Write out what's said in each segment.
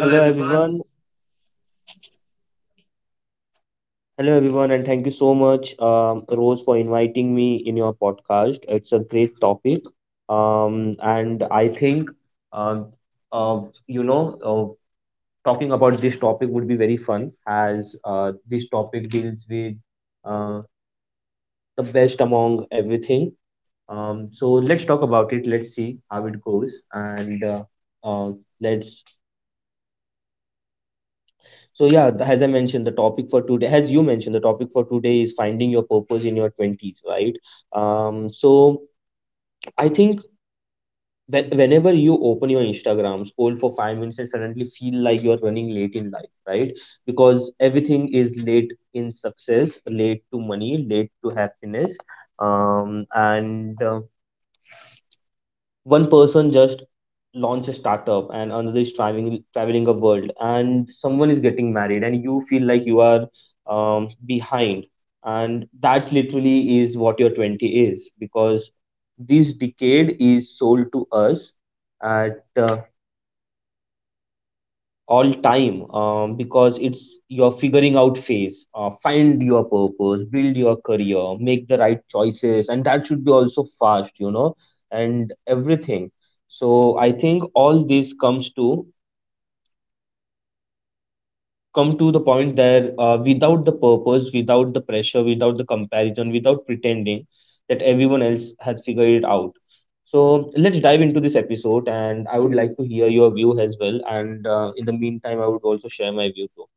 Hello everyone. Hello everyone, and thank you so much, Rose, for inviting me in your podcast. It's a great topic. um, and I think, uh, uh, you know, uh, Talking about this topic would be very fun, as this topic deals with uh, the best among everything. So let's talk about it. Let's see how it goes, and uh, let's So yeah, as I mentioned, the topic for today, as you mentioned, the topic for today is finding your purpose in your twenties, right? So I think whenever you open your Instagram, scroll for 5 minutes, and suddenly feel like you are running late in life, right? Because everything is late in success, late to money, late to happiness, and one person just launched a startup, and another is traveling a world, and someone is getting married, and you feel like you are behind. And that's literally is what your 20 is, because this decade is sold to us at all time because it's your figuring out phase. Find your purpose, build your career, make the right choices, and that should be also fast, you know, and everything. So I think all this come to the point that, without the purpose, without the pressure, without the comparison, without pretending that everyone else has figured it out. So let's dive into this episode, and I would like to hear your view as well, and in the meantime, I would also share my view too.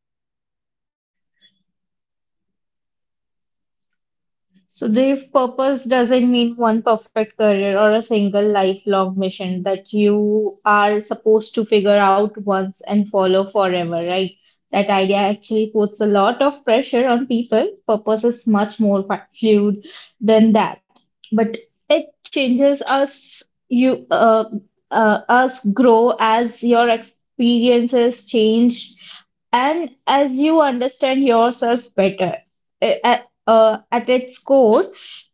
So the purpose doesn't mean one perfect career or a single lifelong mission that you are supposed to figure out once and follow forever, right? That idea actually puts a lot of pressure on people. Purpose is much more fluid than that, but it changes us. Us grow as your experiences change and as you understand yourself better. At its core,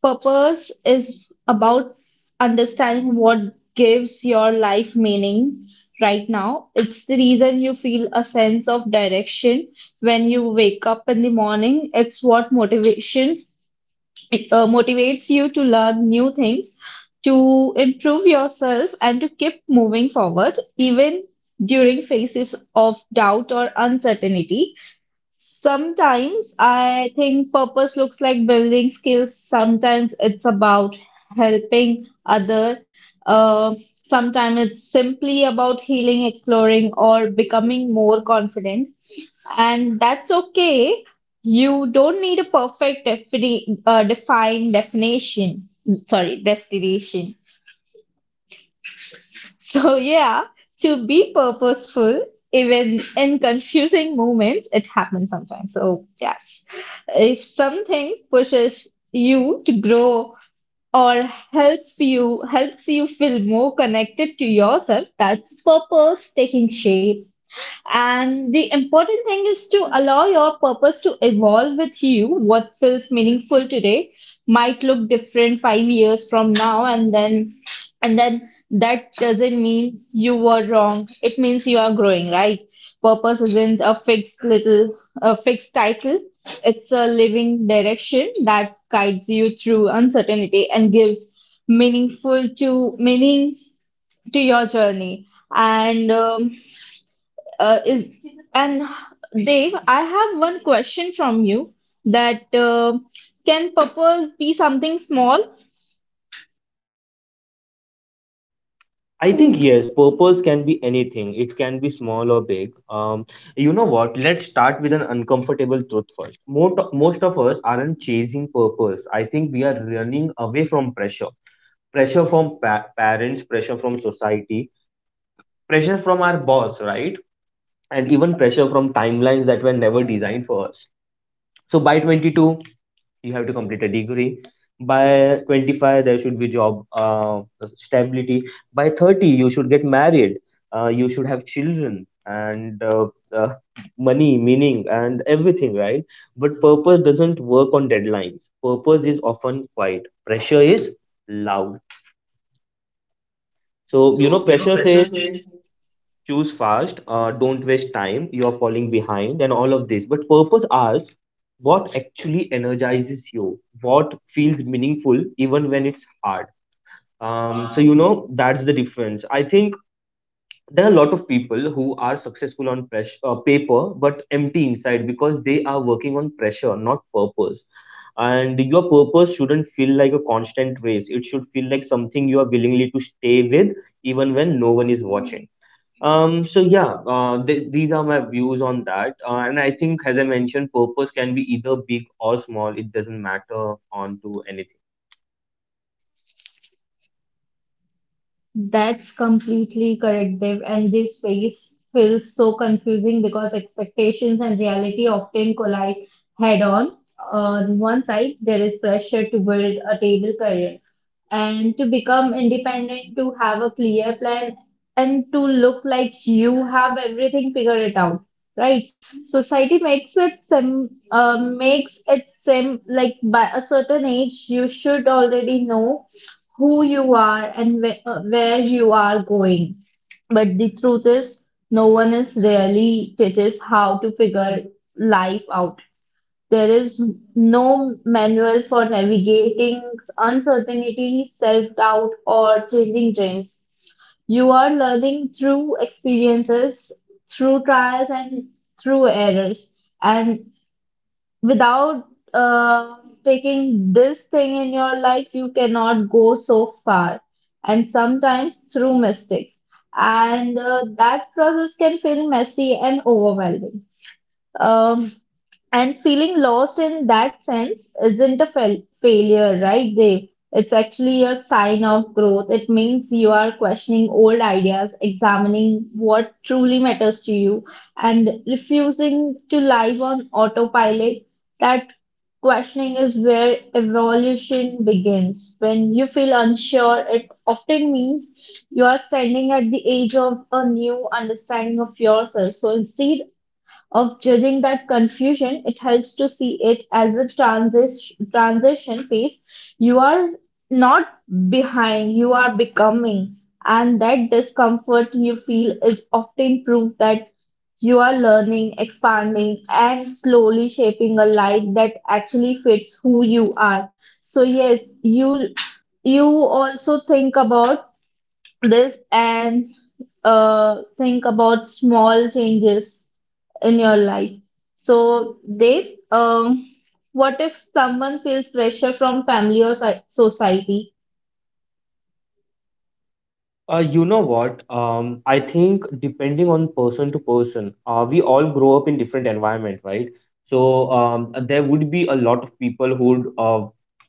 purpose is about understanding what gives your life meaning right now. It's the reason you feel a sense of direction when you wake up in the morning. It's what motivates you to learn new things, to improve yourself, and to keep moving forward, even during phases of doubt or uncertainty. Sometimes I think purpose looks like building skills. Sometimes it's about helping other. Uh, sometimes it's simply about healing, exploring, or becoming more confident. And that's okay. You don't need a perfect defined definition. Sorry, destination. So, yeah, to be purposeful, even in confusing moments, it happens sometimes. So, yes, if something pushes you to grow or helps you feel more connected to yourself, that's purpose taking shape. And the important thing is to allow your purpose to evolve with you. What feels meaningful today might look different 5 years from now, and then that doesn't mean you were wrong. It means you are growing, right? Purpose isn't a fixed title. It's a living direction that guides you through uncertainty and gives meaning to your journey. And is and Dave, I have one question from you that can purpose be something small? I think yes, purpose can be anything. It can be small or big. You know what? Let's start with an uncomfortable truth first. Most of us aren't chasing purpose. I think we are running away from pressure. Pressure from parents, pressure from society, pressure from our boss, right? And even pressure from timelines that were never designed for us. So by 22 you have to complete a degree, by 25 there should be job stability, by 30 you should get married, you should have children, and uh, money, meaning, and everything, right? But purpose doesn't work on deadlines. Purpose is often quiet, pressure is loud. So you know, pressure says choose fast, don't waste time, you're falling behind, and all of this. But purpose asks what actually energizes you, what feels meaningful even when it's hard. So that's the difference, I think. There are a lot of people who are successful on paper but empty inside, because they are working on pressure, not purpose. And your purpose shouldn't feel like a constant race. It should feel like something you are willingly to stay with, even when no one is watching. These are my views on that. And I think, as I mentioned, purpose can be either big or small. It doesn't matter on to anything. That's completely correct, Dave. And this phase feels so confusing because expectations and reality often collide head on. On one side, there is pressure to build a table career, and to become independent, to have a clear plan, and to look like you have everything figured it out, right? Society makes it sim makes it seem like by a certain age you should already know who you are and wh where you are going. But the truth is, no one is really teaches how to figure life out. There is no manual for navigating uncertainty, self-doubt, or changing trends. You are learning through experiences, through trials, and through errors. And without uh, taking this thing in your life, you cannot go so far. And sometimes through mistakes. And that process can feel messy and overwhelming. Um, and feeling lost in that sense isn't a failure, right, Dave? It's actually a sign of growth. It means you are questioning old ideas, examining what truly matters to you, and refusing to live on autopilot. That questioning is where evolution begins. When you feel unsure, it often means you are standing at the edge of a new understanding of yourself. So instead of judging that confusion, it helps to see it as a transition phase. You are not behind, you are becoming. And that discomfort you feel is often proof that you are learning, expanding, and slowly shaping a life that actually fits who you are. So, yes, you also think about this and think about small changes in your life. So, Dave, what if someone feels pressure from family or society? You know what? I think depending on person to person, we all grow up in different environment, right? So there would be a lot of people who would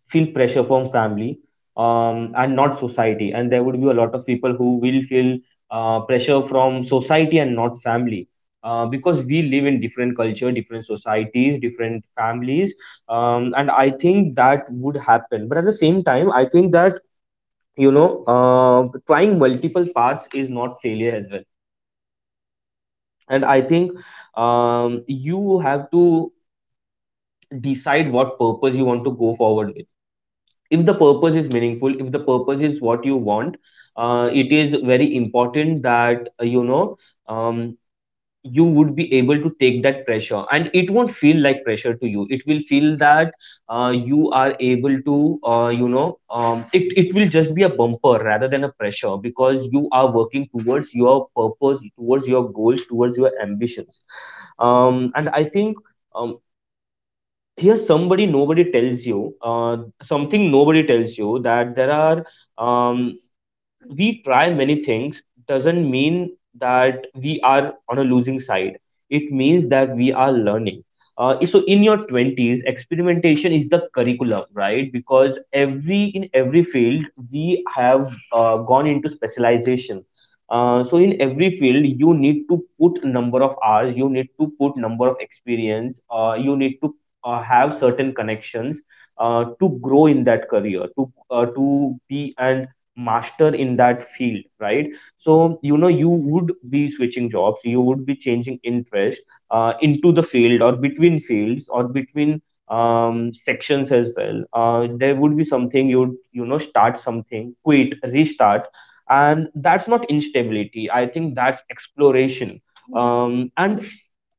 feel pressure from family and not society, and there would be a lot of people who will feel pressure from society and not family. Because we live in different culture, different societies, different families, and I think that would happen. But at the same time, I think that, you know, trying multiple paths is not failure as well. And I think you have to decide what purpose you want to go forward with. If the purpose is meaningful, if the purpose is what you want, it is very important that, um, you would be able to take that pressure, and it won't feel like pressure to you. It will feel that you are able to, it will just be a bumper rather than a pressure, because you are working towards your purpose, towards your goals, towards your ambitions. And I think um, Here's somebody nobody tells you, something nobody tells you, that there are, um, we try many things doesn't mean that we are on a losing side. It means that we are learning. Uh, so in your 20s, experimentation is the curriculum, right? Because every field, we have gone into specialization. Uh, so in every field, you need to put number of hours, you need to put number of experience, you need to have certain connections to grow in that career, to be and master in that field, right? So you know, you would be switching jobs, you would be changing interest into the field or between fields or between sections as well. Uh, there would be something you'd, you know, start something, quit, restart. And that's not instability. I think that's exploration. And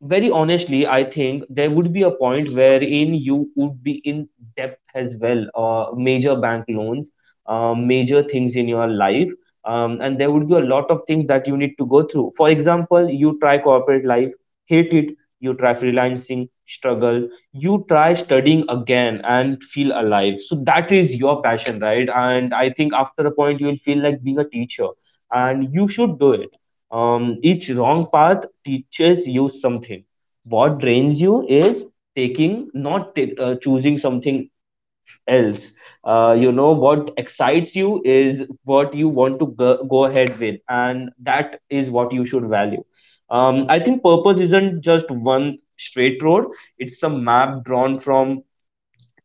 very honestly, I think there would be a point wherein you would be in debt as well, major bank loans, major things in your life, and there would be a lot of things that you need to go through. For example, you try corporate life, hate it. You try freelancing, struggle. You try studying again and feel alive. So that is your passion, right? And I think after a point, you will feel like being a teacher, and you should do it. Each wrong path teaches you something. What drains you is taking, not ta- choosing something else. You know, what excites you is what you want to go ahead with, and that is what you should value. I think purpose isn't just one straight road. It's a map drawn from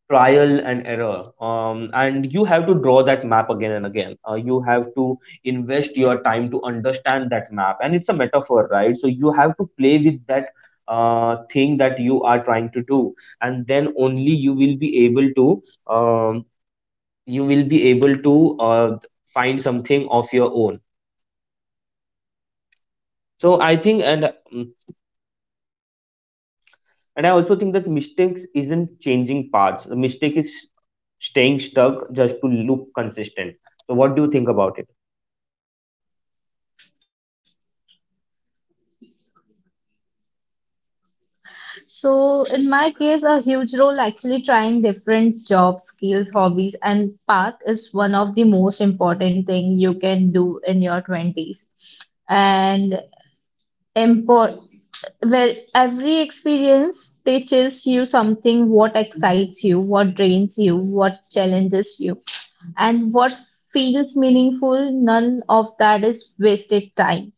trial and error, and you have to draw that map again and again. Uh, you have to invest your time to understand that map, and it's a metaphor, right? So you have to play with that thing that you are trying to do. And then only you will be able to, um, you will be able to, find something of your own. So I think, and I also think that mistakes isn't changing paths. A mistake is staying stuck just to look consistent. So what do you think about it? So, in my case, a huge role actually trying different job skills, hobbies, and path is one of the most important thing you can do in your 20s. And where every experience teaches you something what excites you, what drains you, what challenges you, and what feels meaningful. None of that is wasted time.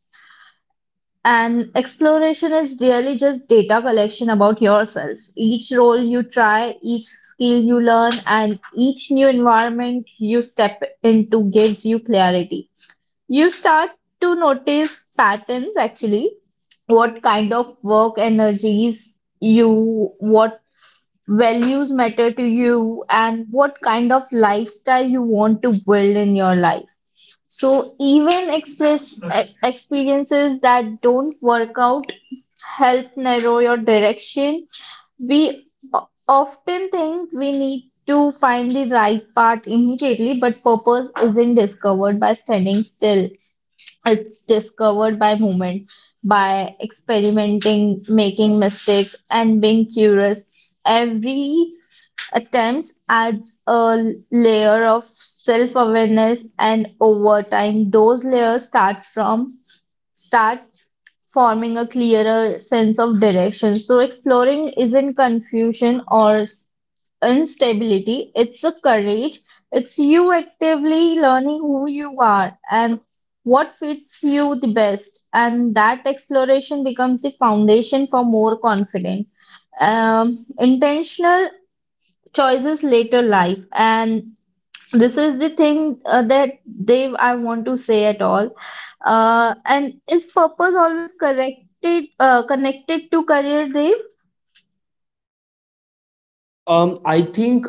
And exploration is really just data collection about yourself. Each role you try, each skill you learn, and each new environment you step into gives you clarity. You start to notice patterns actually what kind of work energies you, what values matter to you, and what kind of lifestyle you want to build in your life. So even experiences that don't work out help narrow your direction. We often think we need to find the right path immediately, but purpose isn't discovered by standing still. It's discovered by movement, by experimenting, making mistakes, and being curious. Every attempt adds a layer of self awareness, and over time, those layers start forming a clearer sense of direction. So exploring isn't confusion or instability, it's a courage. It's you actively learning who you are and what fits you the best. And that exploration becomes the foundation for more confident, intentional choices later life. And this is the thing that Dave I want to say at all. And is purpose always corrected connected to career, Dave? I think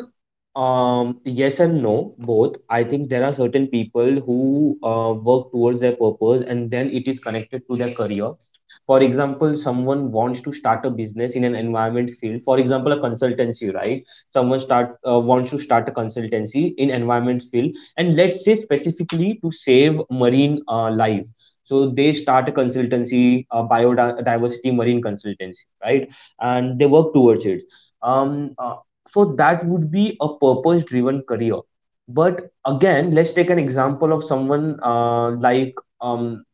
yes and no, both. I think there are certain people who work towards their purpose, and then it is connected to their career. For example, someone wants to start a business in an environment field. For example, a consultancy, right? Someone start wants to start a consultancy in environment field, and let's say specifically to save marine life. So they start a consultancy, biodiversity marine consultancy, right? And they work towards it. um uh, so that would be a purpose driven career. But again, let's take an example of someone uh, like um,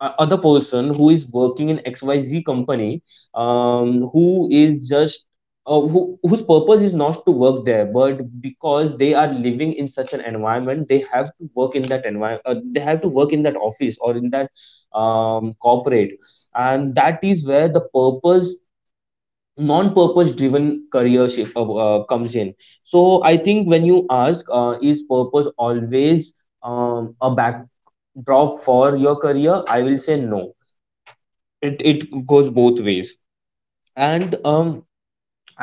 a- other person who is working in xyz company, who is just whose purpose is not to work there, but because they are living in such an environment, they have to work in that environment. Uh, they have to work in that office or in that corporate. And that is where the purpose, non-purpose driven career shift comes in. So I think when you ask, is purpose always a backdrop for your career, I will say no. It goes both ways. And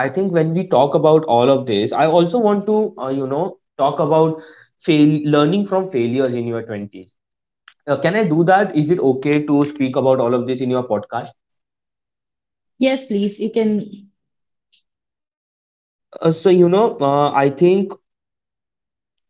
I think when we talk about all of this, I also want to, you know, talk about fail learning from failures in your 20s. Uh, can I do that? Is it okay to speak about all of this in your podcast? Yes, please. You can. Uh, so you know, I think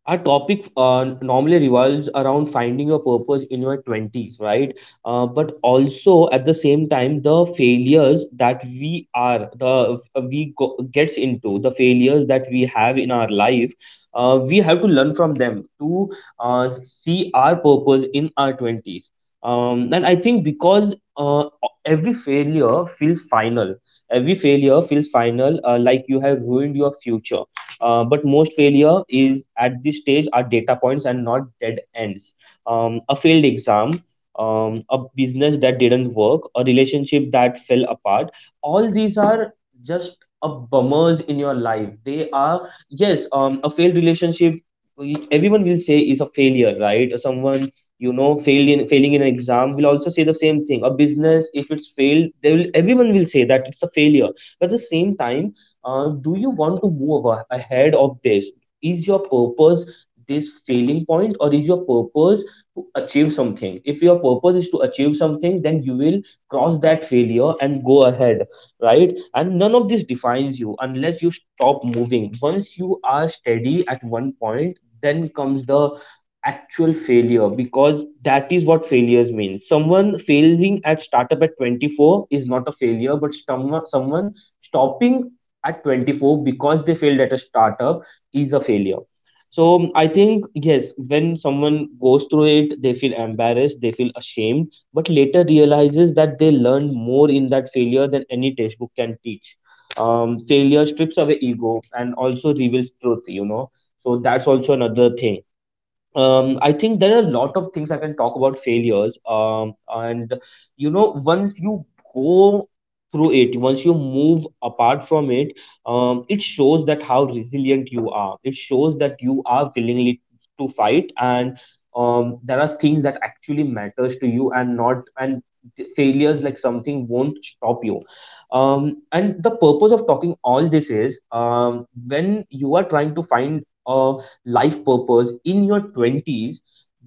our topic normally revolves around finding your purpose in your 20s, right? Uh, but also at the same time, the failures that we are the we go, gets into the failures that we have in our life. Uh, we have to learn from them to, see our purpose in our 20s. And I think, because every failure feels final every failure feels final, like you have ruined your future. Uh, but most failure is at this stage are data points and not dead ends. A failed exam, a business that didn't work, a relationship that fell apart. All these are just a bummers in your life. They are, yes. A failed relationship, everyone will say is a failure, right? Someone, you know, failing in an exam, will also say the same thing. A business, if it's failed, they will everyone will say that it's a failure. But at the same time, do you want to move ahead of this? Is your purpose this failing point, or is your purpose to achieve something? If your purpose is to achieve something, then you will cross that failure and go ahead, right? And none of this defines you unless you stop moving. Once you are steady at one point, then comes the actual failure, because that is what failures mean. Someone failing at startup at 24 is not a failure, but someone stopping at 24 because they failed at a startup is a failure. So I think yes, when someone goes through it they feel embarrassed, they feel ashamed, but later realizes that they learned more in that failure than any textbook can teach. Failure strips away ego and also reveals truth, so that's also another thing. I think there are a lot of things I can talk about failures. And once you go through it, once you move apart from it, it shows that how resilient you are. It shows that you are willingly to fight, and there are things that actually matters to you, and not and th- failures like something won't stop you. And the purpose of talking all this is, when you are trying to find a life purpose in your 20s,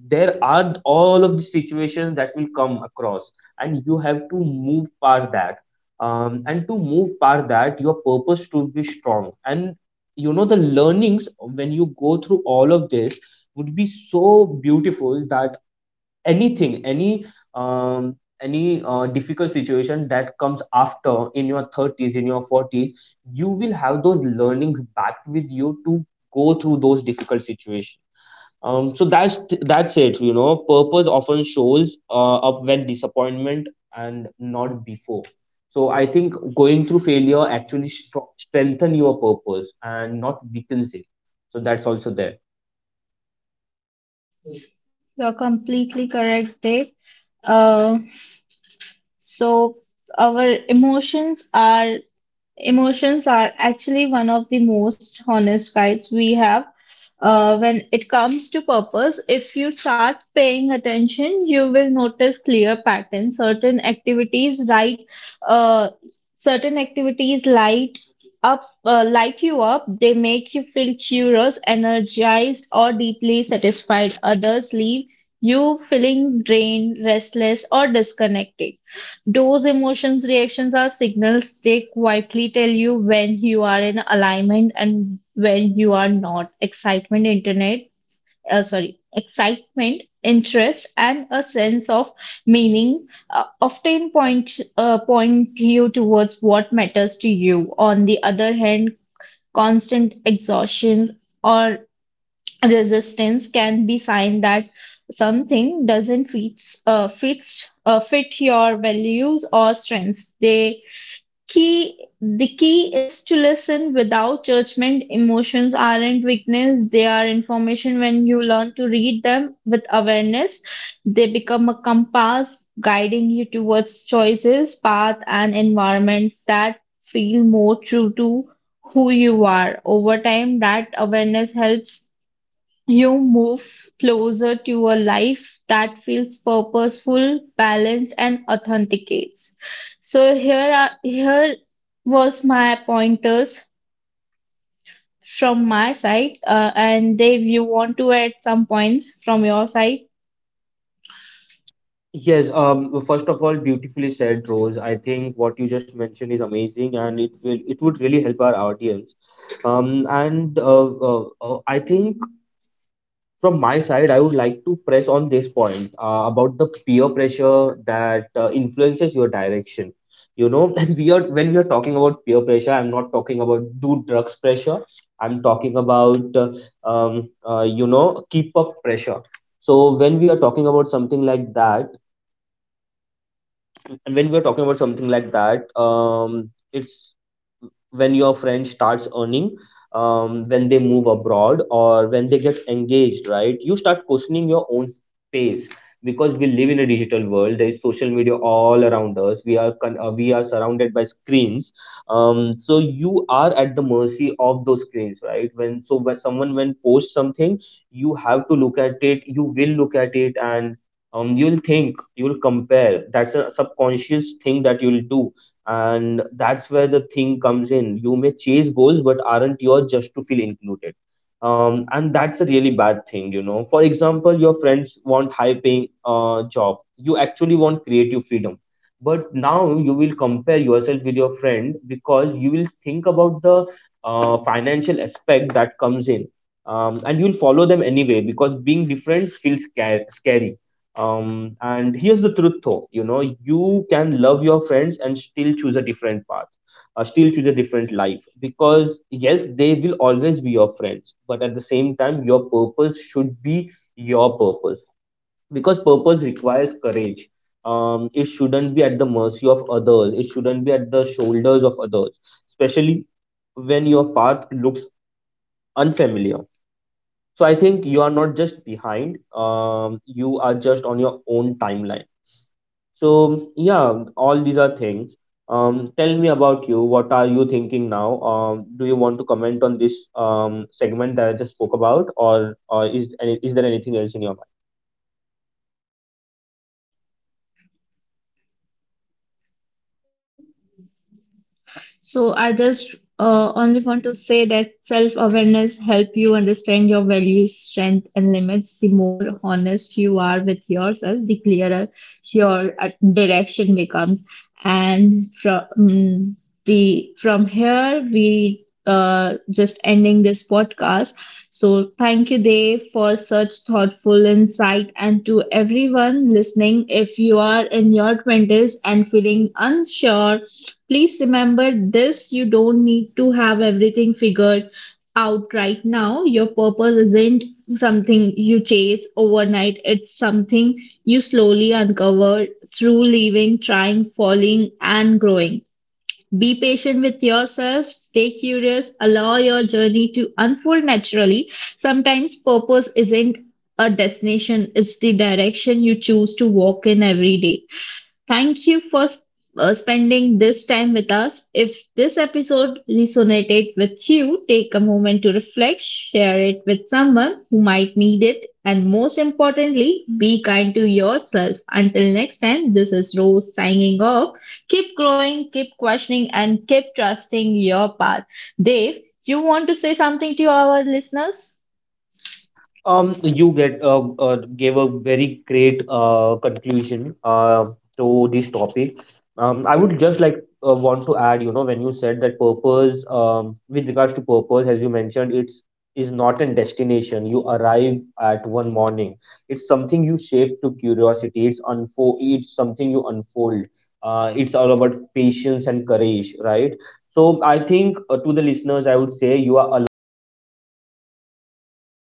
there are all of the situations that will come across, and you have to move past that. And to move past that, your purpose should be strong, and the learnings when you go through all of this would be so beautiful that anything, any um, difficult situation that comes after in your 30s, in your 40s, you will have those learnings back with you to go through those difficult situations. So that's it, purpose often shows up when disappointment and not before. So I think going through failure actually strengthen your purpose and not weakens it, so that's also there. You're completely correct, Dave. Uh, so our Emotions are actually one of the most honest guides we have when it comes to purpose. If you start paying attention, you will notice clear patterns. Certain activities, right? Uh, certain activities light you up. They make you feel curious, energized, or deeply satisfied. Others leave you feeling drained, restless, or disconnected. Those emotions reactions are signals they quietly tell you when you are in alignment and when you are not. Excitement, interest, and a sense of meaning often point point you towards what matters to you. On the other hand, constant exhaustions or resistance can be sign that something doesn't fits fits fit your values or strengths. The key is to listen without judgment. Emotions aren't weakness, they are information. When you learn to read them with awareness, they become a compass guiding you towards choices path and environments that feel more true to who you are. Over time that awareness helps you move closer to a life that feels purposeful, balanced, and authenticates. So here are here was my pointers from my side, and Dave, you want to add some points from your side? Yes, well, first of all, beautifully said, Rose. I think what you just mentioned is amazing, and it would really help our audience. And I think from my side, I would like to press on this point about the peer pressure that influences your direction. You know, and we are when we are talking about peer pressure, I'm not talking about do drugs pressure. I'm talking about keep up pressure. So when we are talking about something like that, and when we're talking about something like that, it's when your friend starts earning, when they move abroad or when they get engaged, right? You start questioning your own space, because we live in a digital world. There is social media all around us. We are we are surrounded by screens. So you are at the mercy of those screens, right? When someone when posts something, you have to look at it. You will look at it, and you'll compare. That's a subconscious thing that you'll do, and that's where the thing comes in. You may chase goals but aren't yours, just to feel included. And that's a really bad thing, you know. For example, your friends want high paying job, you actually want creative freedom, but now you will compare yourself with your friend because you will think about the financial aspect that comes in. And you'll follow them anyway, because being different feels scary. And here's the truth though, you know, you can love your friends and still choose a different path, still choose a different life. Because yes, they will always be your friends, but at the same time, your purpose should be your purpose. Because purpose requires courage. It shouldn't be at the mercy of others, it shouldn't be at the shoulders of others, especially when your path looks unfamiliar. So I think you are not just behind, you are just on your own timeline. So yeah, all these are things. Tell me about you. What are you thinking now? Do you want to comment on this segment that I just spoke about, or is is there anything else in your mind? So I just only want to say that self-awareness help you understand your values, strength, and limits. The more honest you are with yourself, the clearer your direction becomes. And from mm, the from here we just ending this podcast. So thank you, Dave, for such thoughtful insight. And to everyone listening, if you are in your 20s and feeling unsure, please remember this, you don't need to have everything figured out right now. Your purpose isn't something you chase overnight, it's something you slowly uncover through living, trying, falling, and growing. Be patient with yourself, stay curious, allow your journey to unfold naturally. Sometimes purpose isn't a destination, it's the direction you choose to walk in every day. Thank you for spending this time with us. If this episode resonated with you, take a moment to reflect, share it with someone who might need it, and most importantly, be kind to yourself. Until next time, this is Rose signing off. Keep growing, keep questioning, and keep trusting your path. Dave, you want to say something to our listeners? You get gave a very great conclusion to this topic. I would just like want to add, you know, when you said that purpose, with regards to purpose, as you mentioned, it's is not a destination you arrive at one morning. It's something you shape to curiosity. It's unfold. It's something you unfold. It's all about patience and courage, right? So I think, to the listeners, I would say you are allowed to change your mind. You